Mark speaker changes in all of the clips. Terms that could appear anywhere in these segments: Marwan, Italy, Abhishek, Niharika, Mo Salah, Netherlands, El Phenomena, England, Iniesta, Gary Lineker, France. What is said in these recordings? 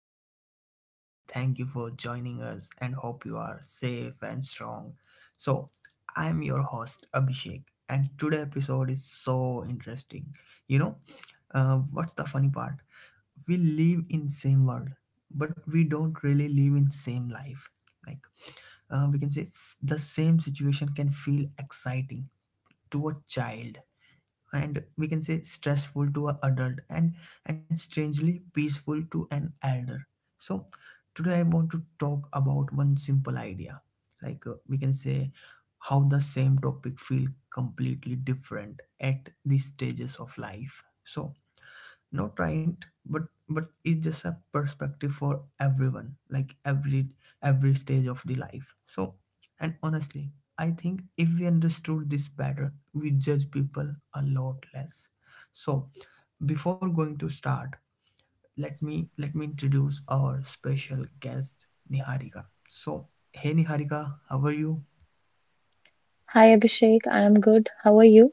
Speaker 1: our podcast and thank you for joining us and hope you are safe and strong. So, I'm your host, Abhishek, and today episode is so interesting. You know, what's the funny part? We live in same world, but we don't really live in same life. Like, we can say the same situation can feel exciting to a child and we can say stressful to an adult and strangely peaceful to an elder. So today I want to talk about one simple idea. Like we can say how the same topic feel completely different at these stages of life. So not right, but it's just a perspective for everyone, like every stage of the life. So and honestly, I think if we understood this better, we judge people a lot less. So before going to start, let me introduce our special guest Niharika. So hey Niharika, how are you?
Speaker 2: Hi Abhishek, I am good. How are you?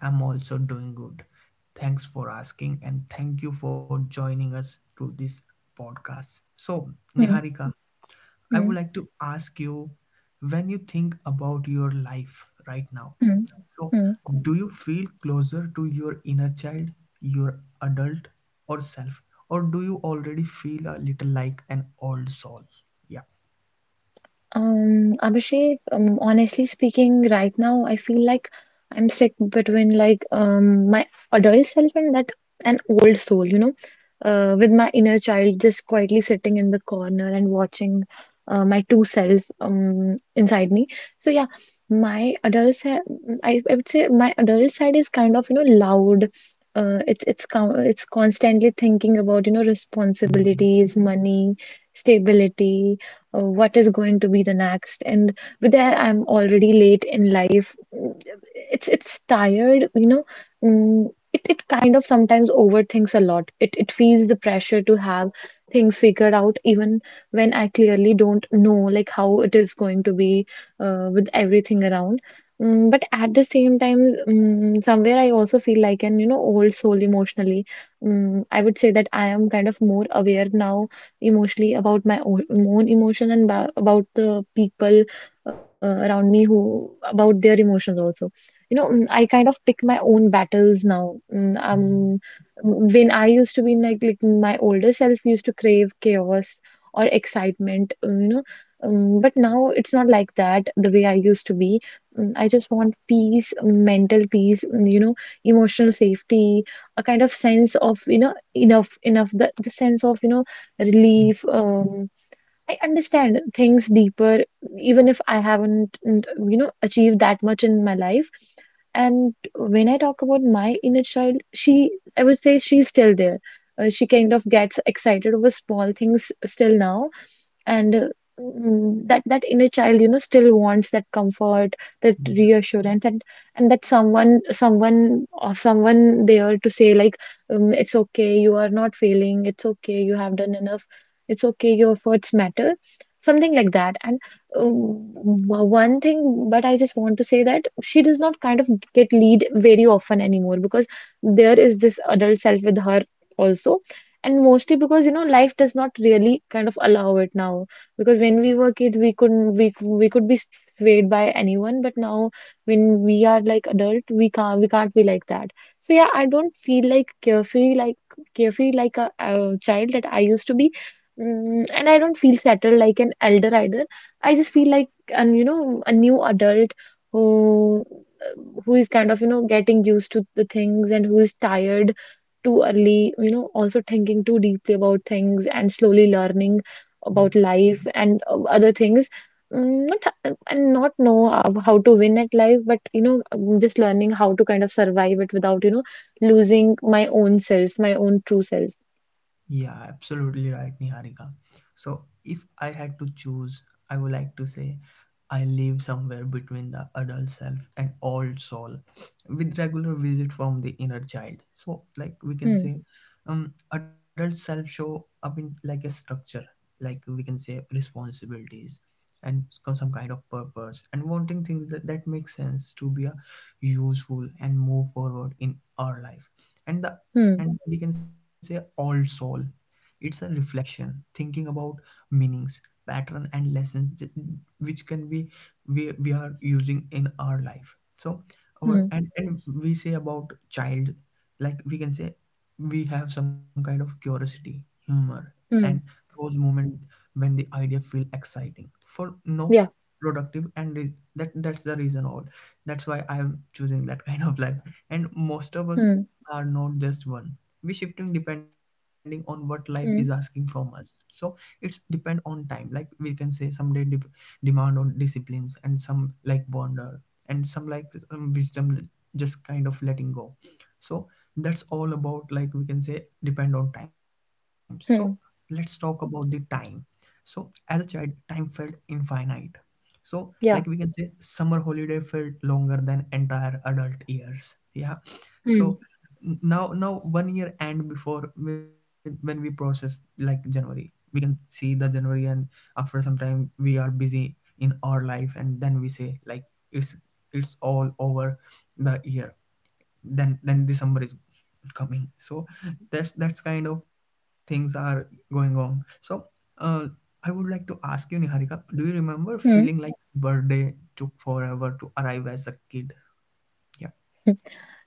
Speaker 1: I'm also doing good. Thanks for asking and thank you for joining us through this podcast. So,
Speaker 2: Hmm,
Speaker 1: Niharika, I would
Speaker 2: hmm,
Speaker 1: like to ask you when you think about your life right now.
Speaker 2: hmm,
Speaker 1: So,
Speaker 2: hmm.
Speaker 1: do you feel closer to your inner child, your adult or self, or do you already feel a little like an old soul? Yeah.
Speaker 2: Abhishek, honestly speaking, right now I feel like I'm stuck between like my adult self and that an old soul, you know, with my inner child just quietly sitting in the corner and watching my two self inside me. So yeah, my adult side, I would say my adult side is kind of, you know, loud. It's constantly thinking about, you know,
Speaker 1: Mm.
Speaker 2: responsibilities, money, stability, what is going to be the next, and with that I'm already late in life. Mm, it's tired, you know. Mm, it kind of sometimes overthinks a lot. It feels the pressure to have things figured out even when I clearly don't know like how it is going to be, with everything around. Mm, but at the same time, mm, somewhere I also feel like an, you know, old soul emotionally. Mm, I would say that I am kind of more aware now emotionally about my own emotion and about the people around me who about their emotions also, you know. Mm, I kind of pick my own battles now. Mm, um,
Speaker 1: Yeah.
Speaker 2: mm, when I used to be like my older self used to crave chaos or excitement, you know, but now it's not like that, the way I used to be. Mm, I just want peace, mental peace, mm, you know, emotional safety, a kind of sense of, you know, enough, the sense of, you know,
Speaker 1: Mm.
Speaker 2: relief. I understand things deeper, even if I haven't, mm, you know, achieved that much in my life. And when I talk about my inner child, I would say she's still there. She kind of gets excited over small things still now, and mm, that inner child, you know, still wants that comfort, that
Speaker 1: Yeah.
Speaker 2: reassurance, and that someone there to say like, it's okay, you are not failing. It's okay, you have done enough. It's okay, your efforts matter, something like that. And one thing, but I just want to say that she does not kind of get lead very often anymore because there is this adult self with her also, and mostly because, you know, life does not really kind of allow it now, because when we were kids we couldn't, we could be swayed by anyone, but now when we are like adult we can't be like that. So yeah, I don't feel like carefree like a child that I used to be. Mm, and I don't feel settled like an elder either. I just feel like an, you know, a new adult who who is kind of, you know, getting used to the things, and who is tired too early, you know, also thinking too deeply about things and slowly learning
Speaker 1: Yeah.
Speaker 2: about life and other things. Mm, Not, h- and not know how to win at life, but you know, just learning how to kind of survive it without, you know, losing my own self, my own true self.
Speaker 1: Yeah, absolutely right, Niharika. So, if I had to choose, I would like to say I live somewhere between the adult self and old soul with regular visit from the inner child. So like we can
Speaker 2: Hmm.
Speaker 1: say adult self show up in like a structure, like we can say responsibilities and some kind of purpose and wanting things that make sense to be a useful and move forward in our life. And the
Speaker 2: Hmm.
Speaker 1: and we can say old soul. It's a reflection, thinking about meanings pattern and lessons which can be we are using in our life. So or
Speaker 2: Hmm.
Speaker 1: and we say about child, like we can say we have some kind of curiosity humor and
Speaker 2: Hmm.
Speaker 1: those moments when the idea feel exciting for no
Speaker 2: Yeah.
Speaker 1: productive and that that's the reason all that's why I'm choosing that kind of life. And most of us
Speaker 2: Hmm.
Speaker 1: are not just one. We shifting depending on what life is asking
Speaker 2: Hmm.
Speaker 1: from us. So it's depend on time, like we can say some day dep demand on disciplines and some like wonder and some like wisdom, just kind of letting go. So that's all about, like we can say, depend on time. So let's
Speaker 2: Hmm.
Speaker 1: talk about the time. So as a child, time felt infinite. So like
Speaker 2: Yeah.
Speaker 1: we can say summer holiday felt longer than entire adult years, yeah.
Speaker 2: Hmm.
Speaker 1: So now one year end before when we process like January, we can see the January and after some time we are busy in our life. And then we say like it's it's all over the year. Then December is coming. So that's kind of things are going on. So uh, I would like to ask you Niharika, do you remember feeling
Speaker 2: Hmm.
Speaker 1: like birthday took forever to arrive as a kid? Yeah.
Speaker 2: hmm.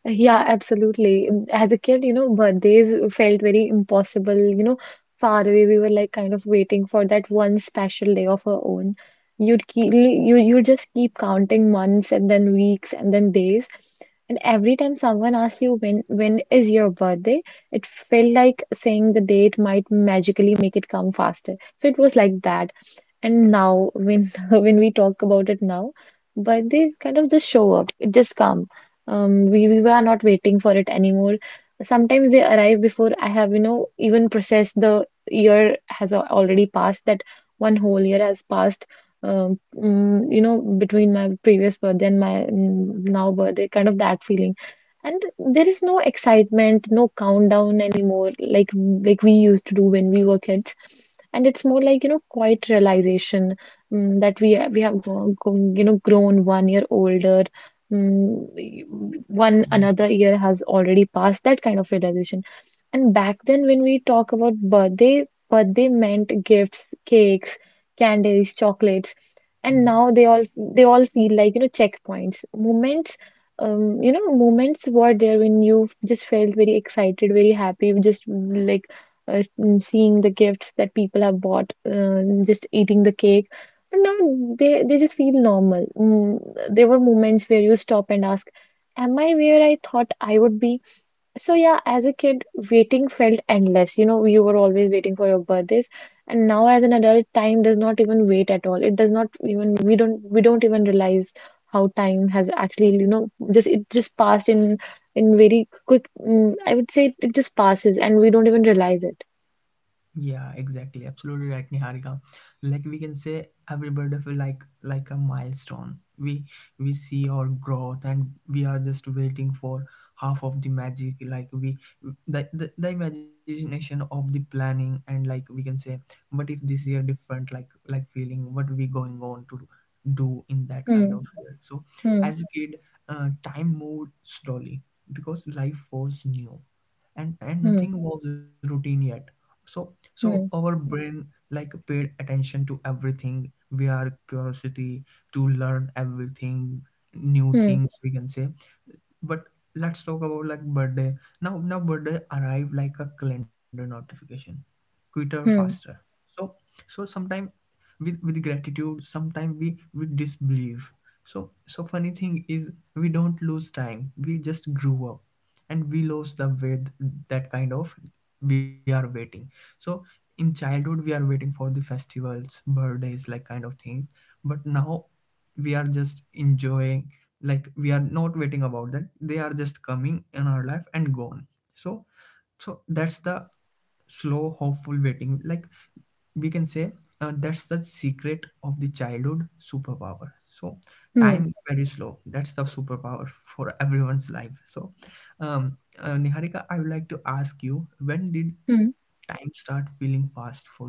Speaker 2: Yeah, absolutely. As a kid, you know, birthdays felt very impossible, you know, far away. We were like kind of waiting for that one special day of our own. You just keep counting months, and then weeks, and then days. And every time someone asked you when is your birthday, it felt like saying the date might magically make it come faster. So it was like that, and now when when we talk about it now, but they kind of just show up. It just come, we were not waiting for it anymore. Sometimes they arrive before I have, you know, even processed the year has already passed, that one whole year has passed, mm, you know, between my previous birthday and my mm, now birthday, kind of that feeling. And there is no excitement, no countdown anymore, like we used to do when we were kids. And it's more like, you know, quiet realization, mm, that we ha- we have you know, grown one year older. Mm, one another year has already passed, that kind of realization. And back then when we talk about birthday, birthday meant gifts, cakes, candies, chocolates, and
Speaker 1: Yeah.
Speaker 2: now they all feel like, you know, checkpoints, moments, you know, moments were there when you just felt very excited, very happy, just like mm, seeing the gifts that people have bought, just eating the cake. But now they just feel normal. Mm, there were moments where you stop and ask, am I where I thought I would be? So yeah, as a kid, waiting felt endless. You know, you were always waiting for your birthdays. And now as an adult, time does not even wait at all. It does not even, we don't even realize how time has actually, you know, just it just passed in very quick. Mm, I would say it just passes and we don't even realize it.
Speaker 1: Yeah, exactly. Absolutely right, Niharika. Like we can say every birthday feel like a milestone. We see our growth and we are just waiting for half of the magic. Like we the imagination of the planning and like we can say what if this year different like feeling what we going on to do in that kind
Speaker 2: 嗯
Speaker 1: of year. So
Speaker 2: 嗯
Speaker 1: as a kid, time moved slowly because life was new and and
Speaker 2: 嗯
Speaker 1: nothing was routine yet. So our
Speaker 2: 嗯
Speaker 1: brain like paid attention to everything. We are curiosity to learn everything, new
Speaker 2: 嗯
Speaker 1: things we can say. But let's talk about like birthday. Now birthday arrive like a calendar notification. Quicker, faster.
Speaker 2: 嗯
Speaker 1: So sometimes with gratitude, sometimes we disbelieve. So funny thing is we don't lose time. We just grew up and we lose the way that kind of we are waiting. So in childhood we are waiting for the festivals, birthdays, like kind of things. But now we are just enjoying, like we are not waiting about that. They are just coming in our life and gone. So that's the slow hopeful waiting, like we can say that's the secret of the childhood superpower. So time
Speaker 2: 嗯
Speaker 1: is very slow, that's the superpower for everyone's life. So Niharika, I would like to ask you, when did
Speaker 2: 嗯。
Speaker 1: time start feeling fast for you?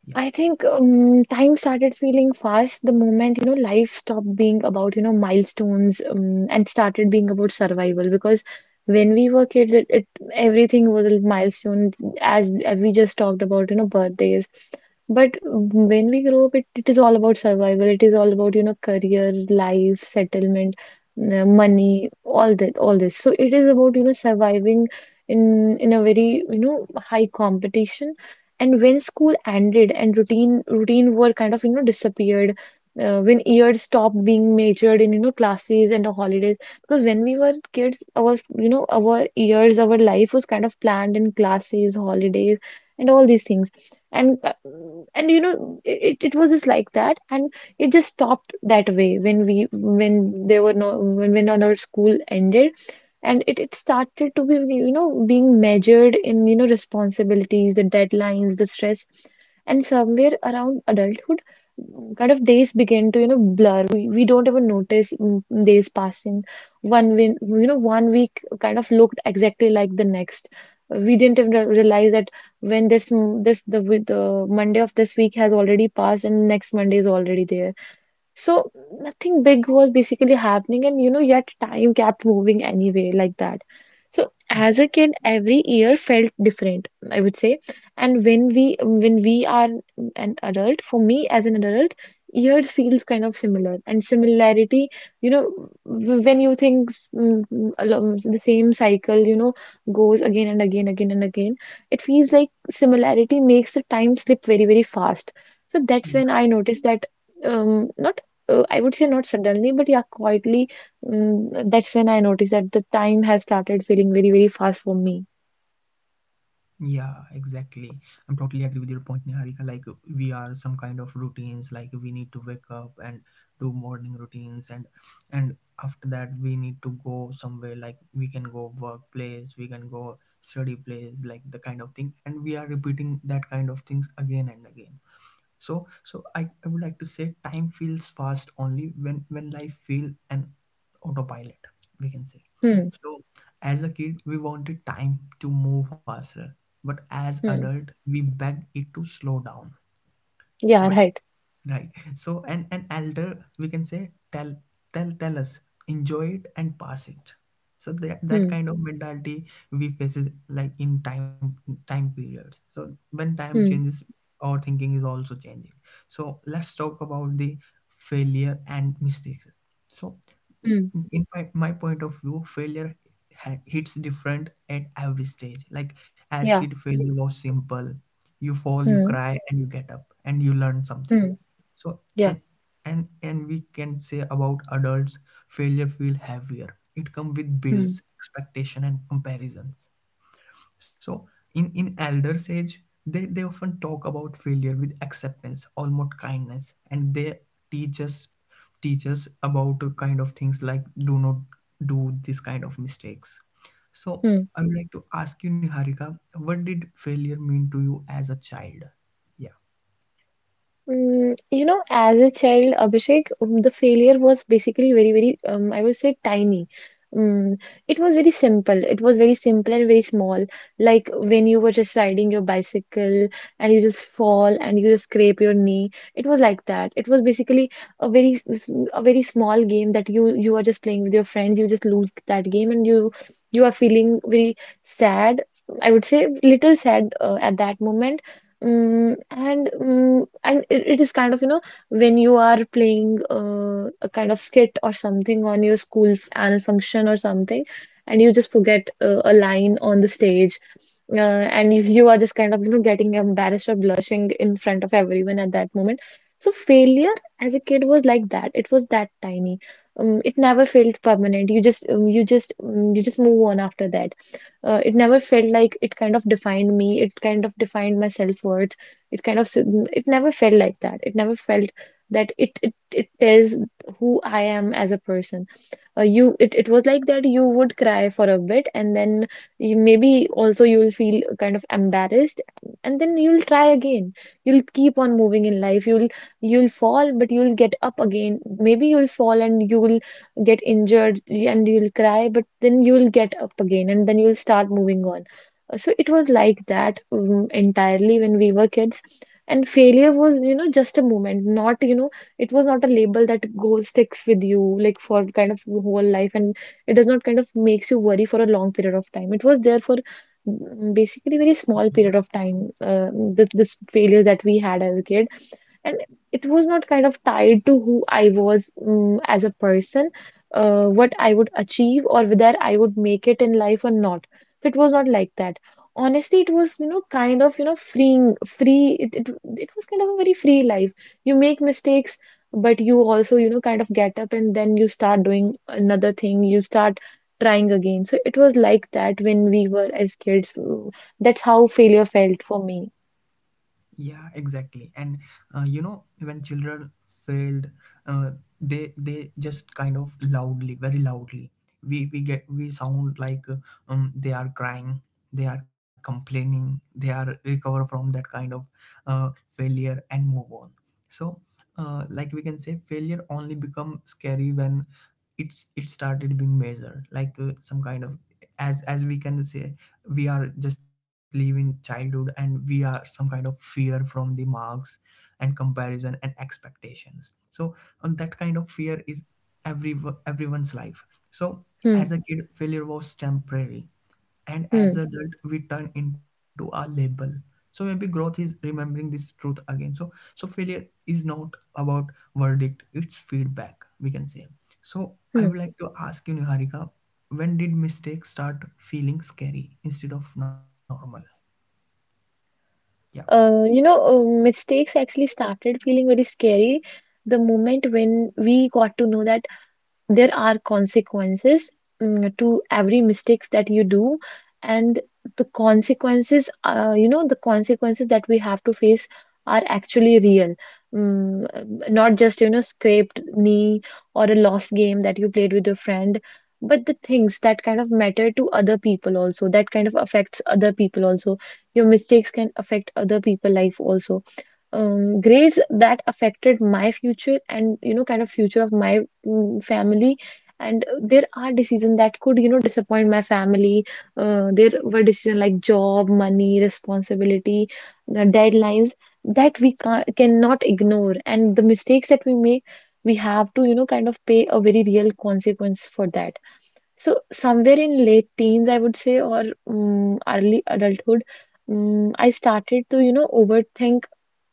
Speaker 1: Yeah.
Speaker 2: I think, time started feeling fast the moment, you know, life stopped being about, you know, milestones, and started being about survival. Because when we were kids, it everything was a milestone, as we just talked about, you know, birthdays. But when we grow up, it is all about survival. It is all about, you know, career, life, settlement, money, all that, all this. So it is about, you know, surviving in a very, you know, high competition, and when school ended and routine work kind of, you know, disappeared, when years stopped being measured in, you know, classes and the holidays, because when we were kids our, you know, our years, our life was kind of planned in classes, holidays, and all these things, and uh, and you know it was just like that, and it just stopped that way when we when there were no when when our school ended, and it started to be, you know, being measured in, you know, responsibilities, the deadlines, the stress. And somewhere around adulthood, mm, kind of days begin to, you know, blur. We don't even notice mm, mm, days passing. One win you know, one week kind of looked exactly like the next. We didn't even realize that when this m- this the, w- the Monday of this week has already passed and next Monday is already there. So nothing big was basically happening, and you know, yet time kept moving anyway, like that. So as a kid, every year felt different, I would say. And when we are an adult, for me as an adult, years feels kind of similar. And similarity, you know, when you think mm, mm, along the same cycle, you know, goes again and again, it feels like similarity makes the time slip very, very fast. So that's when I noticed that not I would say not suddenly, but yeah, quietly. Mm, that's when I noticed that the time has started feeling very, very fast for me.
Speaker 1: Yeah, exactly. I'm totally agree with your point, Niharika. Like we are some kind of routines, like we need to wake up and do morning routines and after that we need to go somewhere, like we can go workplace, we can go study place, like the kind of thing. And we are repeating that kind of things again and again. So, so I would like to say time feels fast only when life feel an autopilot, we can say.
Speaker 2: Hmm.
Speaker 1: So as a kid, we wanted time to move faster, but as
Speaker 2: Hmm.
Speaker 1: adult, we beg it to slow down.
Speaker 2: Yeah.
Speaker 1: But
Speaker 2: Right.
Speaker 1: Right. So an elder, we can say, tell us, enjoy it and pass it. So that
Speaker 2: Hmm.
Speaker 1: kind of mentality we faces like in time periods. So when time
Speaker 2: Hmm.
Speaker 1: changes, our thinking is also changing. So let's talk about the failure and mistakes. So
Speaker 2: Hmm.
Speaker 1: in my point of view failure hits different at every stage, like as
Speaker 2: Yeah.
Speaker 1: kid failure was simple. You fall, you
Speaker 2: Hmm.
Speaker 1: cry, and you get up and you learn something.
Speaker 2: Hmm.
Speaker 1: So
Speaker 2: Yeah.
Speaker 1: and and we can say about adults failure feel heavier. It come with
Speaker 2: Hmm.
Speaker 1: bills, expectation and comparisons. So in elder sage, they often talk about failure with acceptance, almost kindness, and they teach us teach us about a kind of things, like do not do this kind of mistakes. So
Speaker 2: Hmm.
Speaker 1: I would like to ask you, Niharika, what did failure mean to you as a child? Yeah.
Speaker 2: Mm, you know, as a child, Abhishek, the failure was basically I would say tiny. Mm, it was very simple. It was very simple and very small. Like when you were just riding your bicycle and you just fall and you just scrape your knee. It was like that. It was basically a a very small game that you are just playing with your friends. You just lose that game, and you are feeling very sad. I would say little sad, at that moment. Mm, and mm, and it is kind of, you know, when you are playing a kind of skit or something on your school annual function or something, and you just forget a line on the stage, uh, and you are just kind of, you know, getting embarrassed or blushing in front of everyone at that moment. So failure as a kid was like that. It was that tiny. It never felt permanent. You just you just you just move on after that, it never felt like it kind of defined me. It kind of defined my self-worth. It kind of, s- it never felt like that. It never felt that it tells who I am as a person. It was like that. You would cry for a bit and then you, maybe also you'll feel kind of embarrassed, and then you'll try again. You'll keep on moving in life. You'll fall, but you'll get up again. Maybe you'll fall and you'll get injured and you'll cry, but then you'll get up again and then you'll start moving on. So it was like that entirely when we were kids, and failure was just a moment, not it was not a label that goes sticks with you like for kind of your whole life, and it does not kind of makes you worry for a long period of time. It was there for basically very small period of time. This failures that we had as a kid. And it was not kind of tied to who I was as a person, what I would achieve, or whether I would make it in life or not. So it was not like that. Honestly, it was, you know, kind of, you know, freeing, free. It was kind of a very free life. You make mistakes, but you also you know kind of get up, and then you start doing another thing. You start trying again. So it was like that when we were as kids. Mm, that's how failure felt for me.
Speaker 1: Yeah, exactly. And you know, when children failed, uh, they just kind of loudly, very loudly. We get we sound like they are crying, they are complaining, they are recover from that kind of failure and move on. So, like we can say, failure only become scary when it started being measured, like some kind of as we can say we are just living childhood and we are some kind of fear from the marks and comparison and expectations. So that kind of fear is every everyone's life. So as a
Speaker 2: Hmm.
Speaker 1: kid failure was temporary and as
Speaker 2: Hmm.
Speaker 1: adult we turn into a label. So maybe growth is remembering this truth again. So failure is not about verdict, it's feedback we can say. So I
Speaker 2: Hmm.
Speaker 1: would like to ask you Niharika, when did mistakes start feeling scary instead of normal? Yeah.
Speaker 2: You know, mistakes actually started feeling very scary the moment when we got to know that there are consequences, mm, to every mistakes that you do. And the consequences, you know, the consequences that we have to face are actually real, mm, not just you know scraped knee or a lost game that you played with your friend, but the things that kind of matter to other people also, that kind of affects other people also. Your mistakes can affect other people life also. Um, grades that affected my future and you know kind of future of my, mm, family. And there are decisions that could you know disappoint my family. Uh, there were decisions like job, money, responsibility, the deadlines that we can cannot ignore, and the mistakes that we make, we have to you know kind of pay a very real consequence for that. So somewhere in late teens, I would say, or mm early adulthood, mm I started to, you know, overthink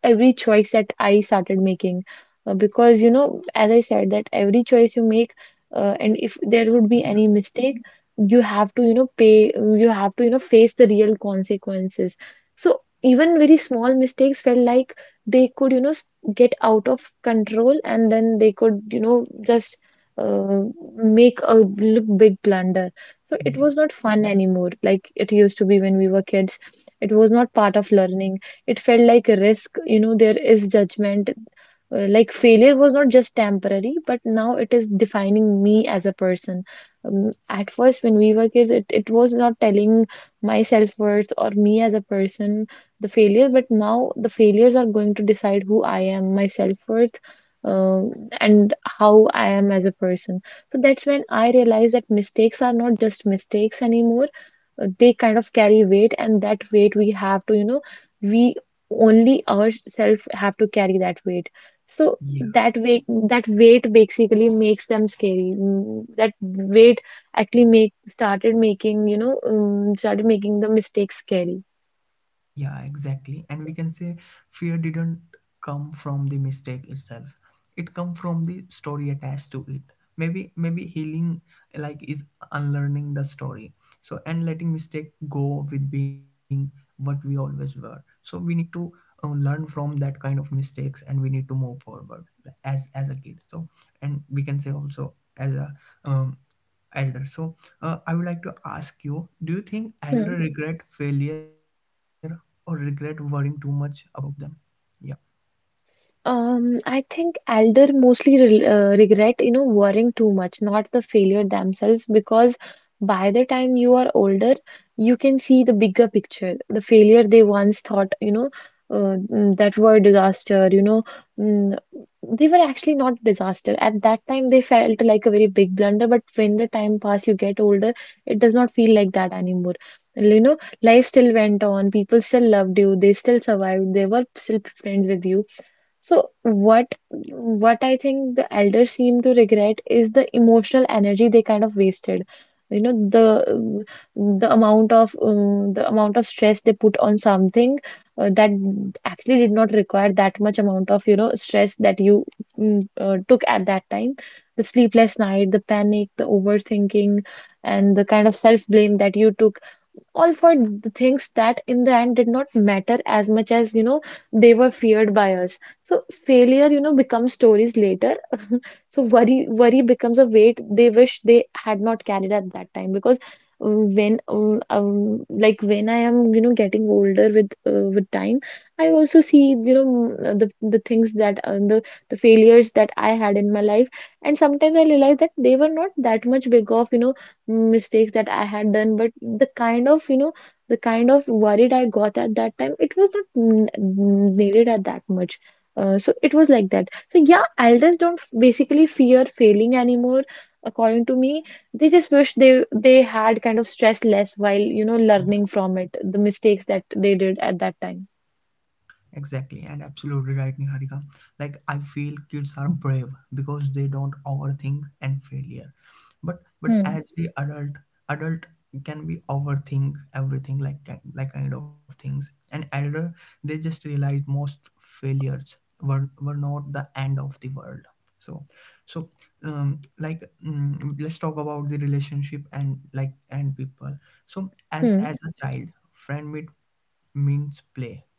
Speaker 2: every choice that I started making. Because, you know, as I said, that every choice you make, and if there would be
Speaker 1: Yeah.
Speaker 2: any mistake, you have to, you know, pay, you have to, you know, face the real consequences. So even very small mistakes felt like they could, you know, s- get out of control, and then they could, you know, just uh, make a look big blunder. So it was not fun anymore, like it used to be when we were kids. It was not part of learning. It felt like a risk. You know, there is judgment. Like failure was not just temporary, but now it is defining me as a person. At first, when we were kids, it was not telling my self-worth or me as a person, the failure, but now the failures are going to decide who I am, my self-worth, uh, and how I am as a person. So that's when I realized that mistakes are not just mistakes anymore. They kind of carry weight, and that weight we have to, you know, we only ourselves have to carry that weight. So
Speaker 1: Yeah.
Speaker 2: that weight basically makes them scary. Mm, that weight actually make started making, you know, started making the mistakes scary.
Speaker 1: Yeah, exactly. And we can say fear didn't come from the mistake itself. It come from the story attached to it. Maybe healing like is unlearning the story. So and letting mistake go with being what we always were. So we need to learn from that kind of mistakes and we need to move forward, like, as a kid. So and we can say also as a um, elder. So I would like to ask you, do you think
Speaker 2: Hmm.
Speaker 1: elder regret failure or regret worrying too much about them? Yeah.
Speaker 2: I think elder mostly re regret, you know, worrying too much, not the failure themselves, because by the time you are older, you can see the bigger picture. The failure they once thought, you know, mm, that were disaster, you know, mm, they were actually not disaster. At that time, they felt like a very big blunder, but when the time pass, you get older, it does not feel like that anymore. You know, life still went on, people still loved you, they still survived, they were still friends with you. So what I think the elders seem to regret is the emotional energy they kind of wasted. You know, the amount of stress they put on something that actually did not require that much amount of, you know, stress that you mm, took at that time. The sleepless night, the panic, the overthinking, and the kind of self-blame that you took, all for the things that in the end did not matter as much as you know they were feared by us. So failure, you know, becomes stories later. So worry becomes a weight they wish they had not carried at that time, because when like when I am, you know, getting older with time, I also see, you know, m- the things that the failures that I had in my life, and sometimes I realize that they were not that much big of, you know, mistakes that I had done, but the kind of, you know, the kind of worried I got at that time, it was not n- n- needed at that much. So it was like that. So yeah, elders don't f- basically fear failing anymore, according to me. They just wish they had kind of stress less while, you know, learning from it, the mistakes that they did at that time.
Speaker 1: Exactly, and absolutely right, Niharika. Like, I feel kids are brave because they don't overthink and failure. But
Speaker 2: Hmm.
Speaker 1: as we adult, adult can be overthink everything, like like kind of things. And elder, they just realize most failures were not the end of the world. So so like let's talk about the relationship and like and people. So as
Speaker 2: Hmm.
Speaker 1: as a child, friend meet means play,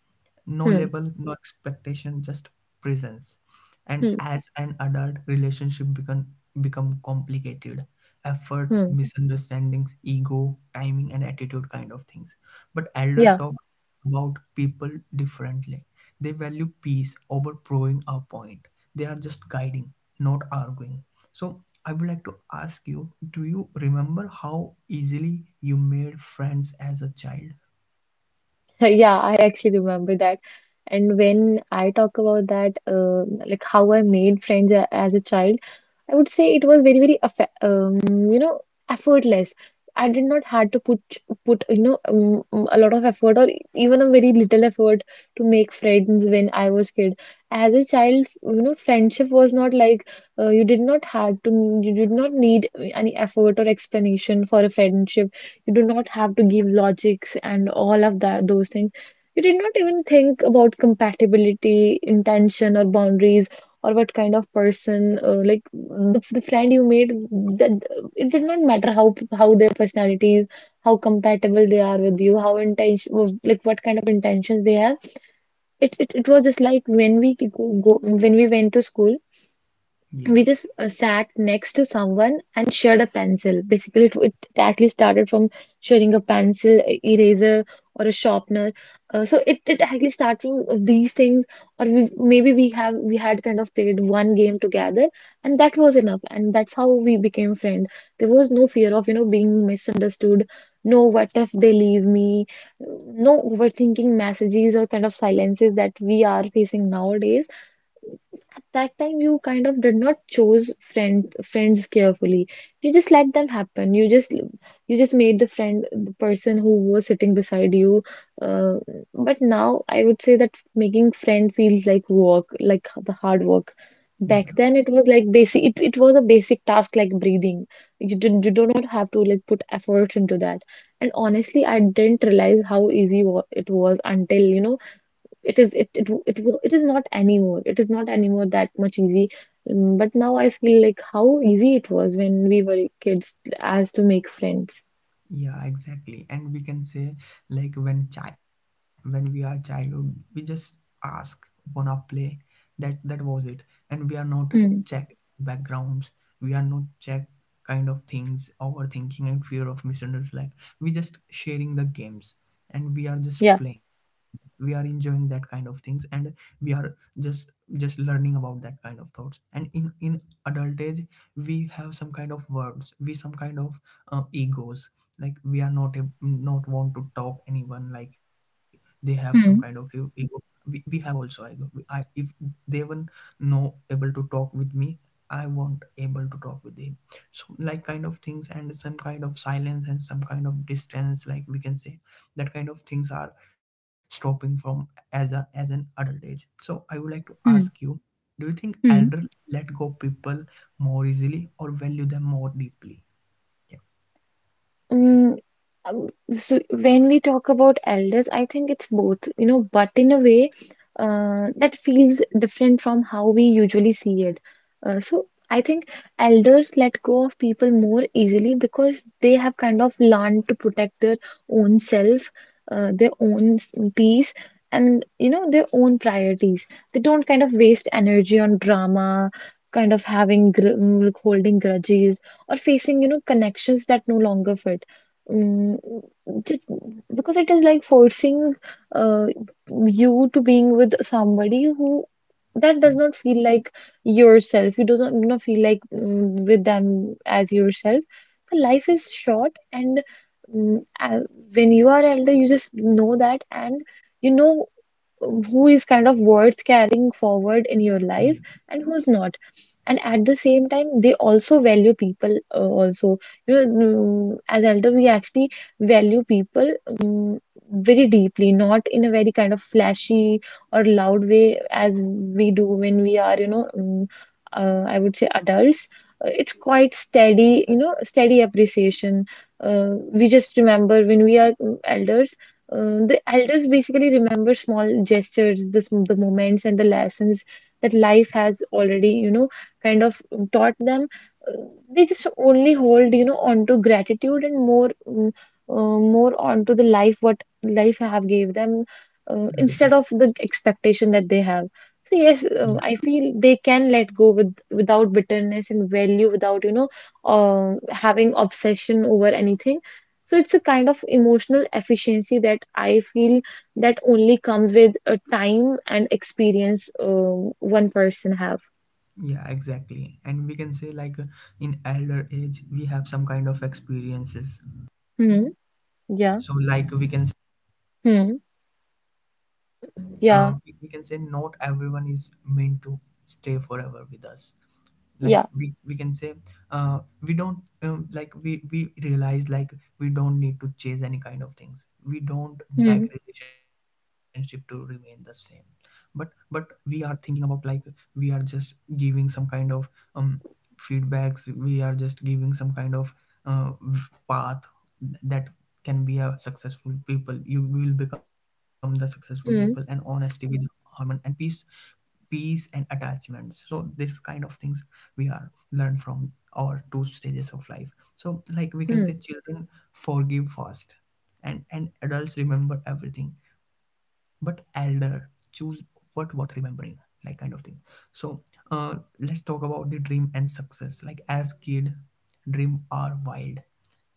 Speaker 1: no label,
Speaker 2: Hmm.
Speaker 1: no expectation, just presence. And
Speaker 2: Hmm.
Speaker 1: as an adult, relationship become complicated. Effort,
Speaker 2: Hmm.
Speaker 1: misunderstandings, ego, timing, and attitude kind of things. But elder
Speaker 2: Yeah.
Speaker 1: talk about people differently. They value peace over proving a point. They are just guiding, not arguing. So I would like to ask you, do you remember how easily you made friends as a child?
Speaker 2: Yeah, I actually remember that. And when I talk about that, like how I made friends a- as a child, I would say it was very, very, affe- you know, effortless. I did not had to put you know a lot of effort or even a very little effort to make friends when I was kid. As a child, you know, friendship was not like you did not had to you did not need any effort or explanation for a friendship. You do not have to give logics and all of that those things. You did not even think about compatibility, intention, or boundaries, or what kind of person like the friend you made, that it did not matter how their personalities, how compatible they are with you, how intention like what kind of intentions they have. It was just like when we go, go when we went to school, we
Speaker 1: Yeah,
Speaker 2: just sat next to someone and shared a pencil. Basically, it actually started from sharing a pencil, a eraser, or a sharpener. So it actually started from these things, or we, maybe we had kind of played one game together, and that was enough. And that's how we became friends. There was no fear of you know being misunderstood. No, what if they leave me? No overthinking messages or kind of silences that we are facing nowadays. At that time you kind of did not choose friends carefully. You just let them happen. You just made the friend the person who was sitting beside you. Uh, but now I would say that making friend feels like work, like the hard work. Back
Speaker 1: yeah.
Speaker 2: then it was like basic. It was a basic task like breathing. You do not have to like put efforts into that. And honestly I didn't realize how easy wa- it was until you know it is it is not anymore, it is not anymore that much easy. Mm, but now I feel like how easy it was when we were kids as to make friends.
Speaker 1: Yeah, exactly. And we can say like when when we are childhood, we just ask wanna play. That was it. And we are not
Speaker 2: Mm.
Speaker 1: check backgrounds. We are not check kind of things, overthinking and fear of misunderstanding. Like we just sharing the games and we are
Speaker 2: Yeah.
Speaker 1: just playing. We are enjoying that kind of things, and we are just just learning about that kind of thoughts. And in adult age, we have some kind of words, we some kind of egos. Like we are not a, not want to talk anyone, like they have some kind of
Speaker 2: Hmm.
Speaker 1: ego. We have also ego. I if they were no able to talk with me, I won't able to talk with them. So like kind of things, and some kind of silence, and some kind of distance. Like we can say that kind of things are stopping from as a as an adult age. So I would like to ask
Speaker 2: Hmm.
Speaker 1: you, do you think
Speaker 2: Hmm.
Speaker 1: elder let go people more easily or value them more deeply? Yeah.
Speaker 2: Mm, um, so when we talk about elders, I think it's both, you know, but in a way that feels different from how we usually see it. So I think elders let go of people more easily because they have kind of learned to protect their own self, their own s- peace, and you know, their own priorities. They don't kind of waste energy on drama, kind of having gr mm, like holding grudges, or facing, you know, connections that no longer fit. Mm, just because it is like forcing uh, you to being with somebody who that does not feel like yourself. You do not feel like mm, with them as yourself. The life is short, and mm, when you are elder, you just know that, and you know who is kind of worth carrying forward in your life
Speaker 1: Yeah.
Speaker 2: and who's not. And at the same time, they also value people also you know, mm, as elder, we actually value people very deeply, not in a very kind of flashy or loud way as we do when we are, I would say adults. It's quite steady, you know, steady appreciation. We just remember when we are elders. The elders basically remember small gestures, the moments and the lessons that life has already, you know, kind of taught them. They just only hold, you know, onto gratitude and more more onto the life what life have gave them,
Speaker 1: Hmm.
Speaker 2: instead of the expectation that they have. So yes,
Speaker 1: Yeah,
Speaker 2: I feel they can let go with without bitterness and value without uh, having obsession over anything. So it's a kind of emotional efficiency that I feel that only comes with a time and experience one person have.
Speaker 1: yeah, exactly. And we can say like in elder age we have some kind of experiences.
Speaker 2: Hmm. Yeah.
Speaker 1: So like we can say,
Speaker 2: Hmm. Yeah.
Speaker 1: we can say not everyone is meant to stay forever with us. Like
Speaker 2: Yeah.
Speaker 1: we can say we don't like we realize like we don't need to chase any kind of things, we don't
Speaker 2: Hmm.
Speaker 1: back relationship to remain the same. but but we are thinking about like we are just giving some kind of um feedbacks. We are just giving some kind of uh, path that can be a successful people. You will become the successful people, and
Speaker 2: Hmm.
Speaker 1: honesty with harmony and peace, peace and attachments. So this kind of things we are learn from our two stages of life. So like we can say
Speaker 2: Hmm.
Speaker 1: children forgive fast, and adults remember everything, but elder choose what worth remembering, like kind of thing. So uh let's talk about the dream and success. Like as kid, dream are wild,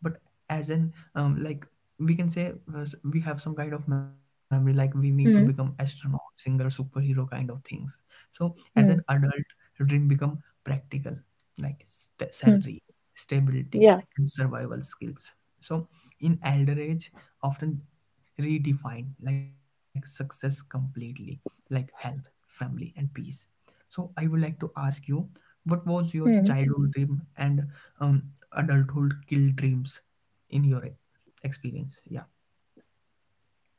Speaker 1: but as an like we can say we have some kind of memory, like we need to become
Speaker 2: Hmm.
Speaker 1: astronaut, singer, superhero kind of things. So as an
Speaker 2: Hmm.
Speaker 1: adult, dream become practical, like
Speaker 2: Hmm.
Speaker 1: salary, stability,
Speaker 2: Yeah.
Speaker 1: and survival skills. So in elder age, often redefine like success completely, like health, family, and peace. So I would like to ask you, what was your
Speaker 2: Hmm.
Speaker 1: childhood dream and um, adulthood kill dreams in your experience? Yeah.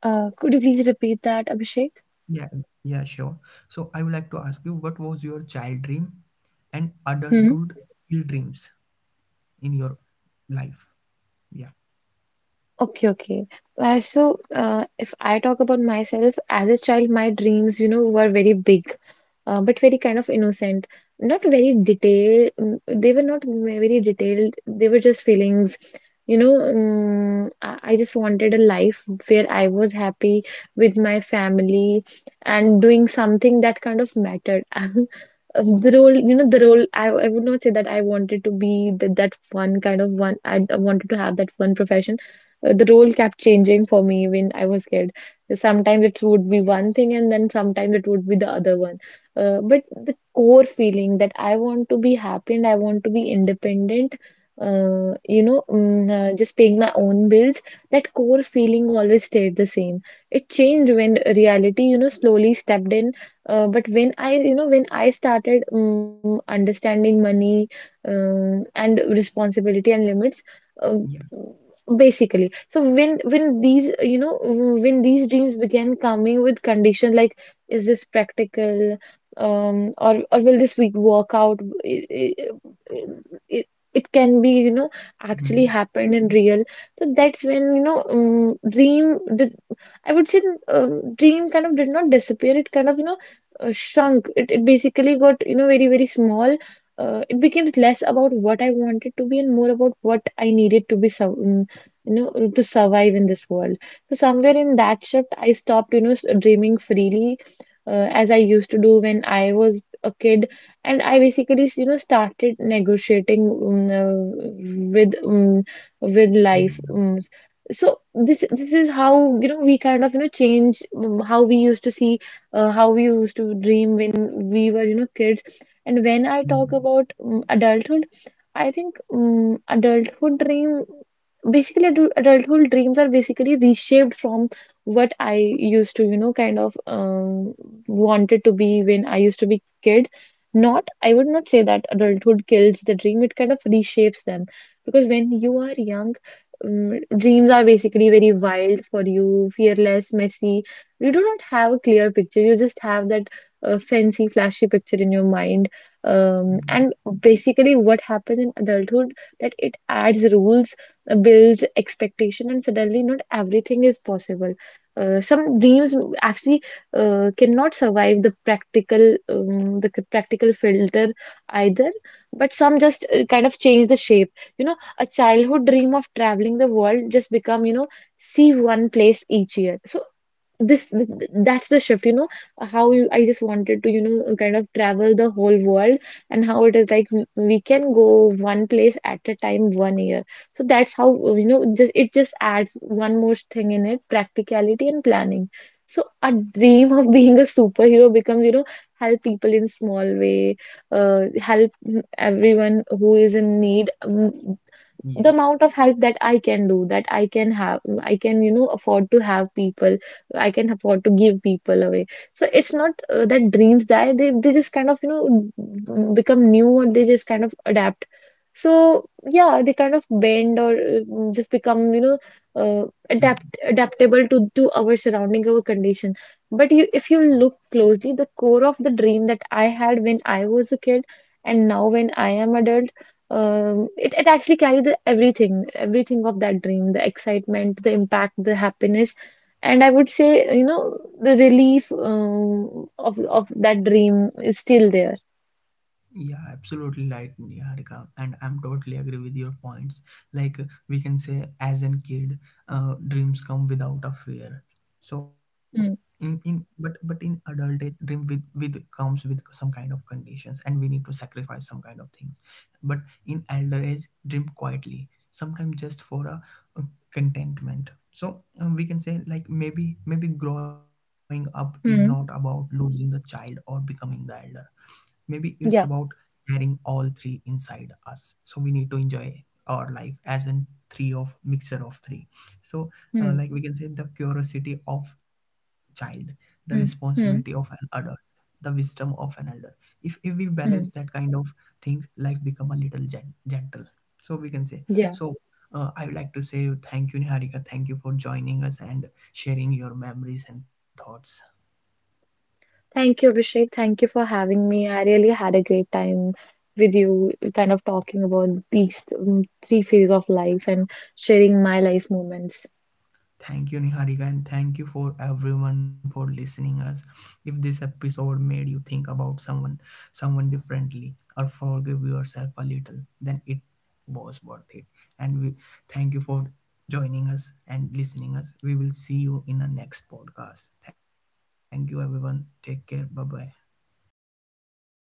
Speaker 2: Could you please repeat that, Abhishek?
Speaker 1: Yeah. Yeah, sure. So I would like to ask you, what was your child dream and adulthood
Speaker 2: Hmm.
Speaker 1: kill dreams in your life? Yeah.
Speaker 2: Okay, okay. So, if I talk about myself, as a child, my dreams, you know, were very big, but very kind of innocent. Not very detailed. They were not very detailed. They were just feelings. You know, I just wanted a life where I was happy with my family and doing something that kind of mattered. The role, I would not say that I wanted to be the, that one kind of one I wanted to have that one profession. The role kept changing for me when I was kid. Sometimes it would be one thing, and then sometimes it would be the other one. But the core feeling that I want to be happy and I want to be independent, just paying my own bills, that core feeling always stayed the same. It changed when reality, you know, slowly stepped in. But when I, you know, when I started understanding money, and responsibility and limits, uh,
Speaker 1: Yeah.
Speaker 2: basically. So when these, you know, when these dreams began coming with condition, like, is this practical, or will this week work out, it can be, you know, actually
Speaker 1: Hmm.
Speaker 2: happened in real. So that's when, you know, dream did, I would say, dream kind of did not disappear, it kind of, you know, shrunk. It basically got, you know, very very small. It became less about what I wanted to be and more about what I needed to be served, you know, to survive in this world. So somewhere in that shift I stopped, you know, dreaming freely, as I used to do when I was a kid. And I basically, you know, started negotiating with mm with life
Speaker 1: Yeah.
Speaker 2: mm. So this is how, you know, we kind of, you know, change, how we used to see, how we used to dream when we were, you know, kids. And when I talk
Speaker 1: Hmm.
Speaker 2: about adulthood, I think, adulthood dream, basically, adulthood dreams are basically reshaped from what I used to, you know, kind of, wanted to be when I used to be kid. Not, I would not say that adulthood kills the dream, it kind of reshapes them, because when you are young, dreams are basically very wild for you, fearless, messy. You do not have a clear picture, you just have that fancy, flashy picture in your mind. Um,
Speaker 1: Hmm. Yeah.
Speaker 2: and basically, what happens in adulthood that it adds rules, builds expectation, and suddenly not everything is possible. Some dreams actually cannot survive the practical, practical filter either. But some just kind of change the shape. You know, a childhood dream of traveling the world just become, you know, see one place each year. So that's the shift, you know, how you, I just wanted to, you know, kind of travel the whole world, and how it is like, we can go one place at a time one year. So that's how, you know, just it just adds one more thing in it, practicality and planning. So a dream of being a superhero becomes, you know, help people in small way, help, everyone who is in need.
Speaker 1: Hmm.
Speaker 2: The
Speaker 1: Yeah.
Speaker 2: amount of help that I can do, that I can have, I can, you know, afford to have people, I can afford to give people away. So it's not that dreams die, they just kind of, you know, become new, or they just kind of adapt. So yeah, they kind of bend, or just become, you know,
Speaker 1: Hmm.
Speaker 2: adaptable to our surrounding, our condition. But you, if you look closely, the core of the dream that I had when I was a kid and now when I am adult, it actually carried the everything, everything of that dream, the excitement, the impact, the happiness, and I would say, you know, the relief, of that dream is still there.
Speaker 1: Yeah, absolutely right, Niharika. And I'm totally agree with your points. Like we can say, as an kid, dreams come without a fear. So
Speaker 2: Hmm.
Speaker 1: in but in adult age, dream with comes with some kind of conditions, and we need to sacrifice some kind of things. But in elder age, dream quietly, sometimes just for a contentment. So we can say like maybe growing up is not about
Speaker 2: Hmm.
Speaker 1: losing the child or becoming the elder. Maybe it's about
Speaker 2: Yeah.
Speaker 1: carrying all three inside us. So we need to enjoy our life as in three of mixer of three. So
Speaker 2: Hmm.
Speaker 1: like we can say the curiosity of child, the
Speaker 2: Hmm.
Speaker 1: responsibility of an
Speaker 2: Hmm.
Speaker 1: adult, the wisdom of an elder. If we balance that
Speaker 2: Hmm.
Speaker 1: kind of things, life become a little gentle. So we can say
Speaker 2: Yeah.
Speaker 1: so. I would like to say thank you, Niharika. Thank you for joining us and sharing your memories and thoughts.
Speaker 2: Thank you, Abhishek. Thank you for having me. I really had a great time with you, kind of talking about these three phases of life and sharing my life moments.
Speaker 1: Thank you, Niharika, and thank you for everyone for listening us. If this episode made you think about someone, someone differently, or forgive yourself a little, then it was worth it. And we thank you for joining us and listening us. We will see you in the next podcast. Thank you, everyone. Take care. Bye bye.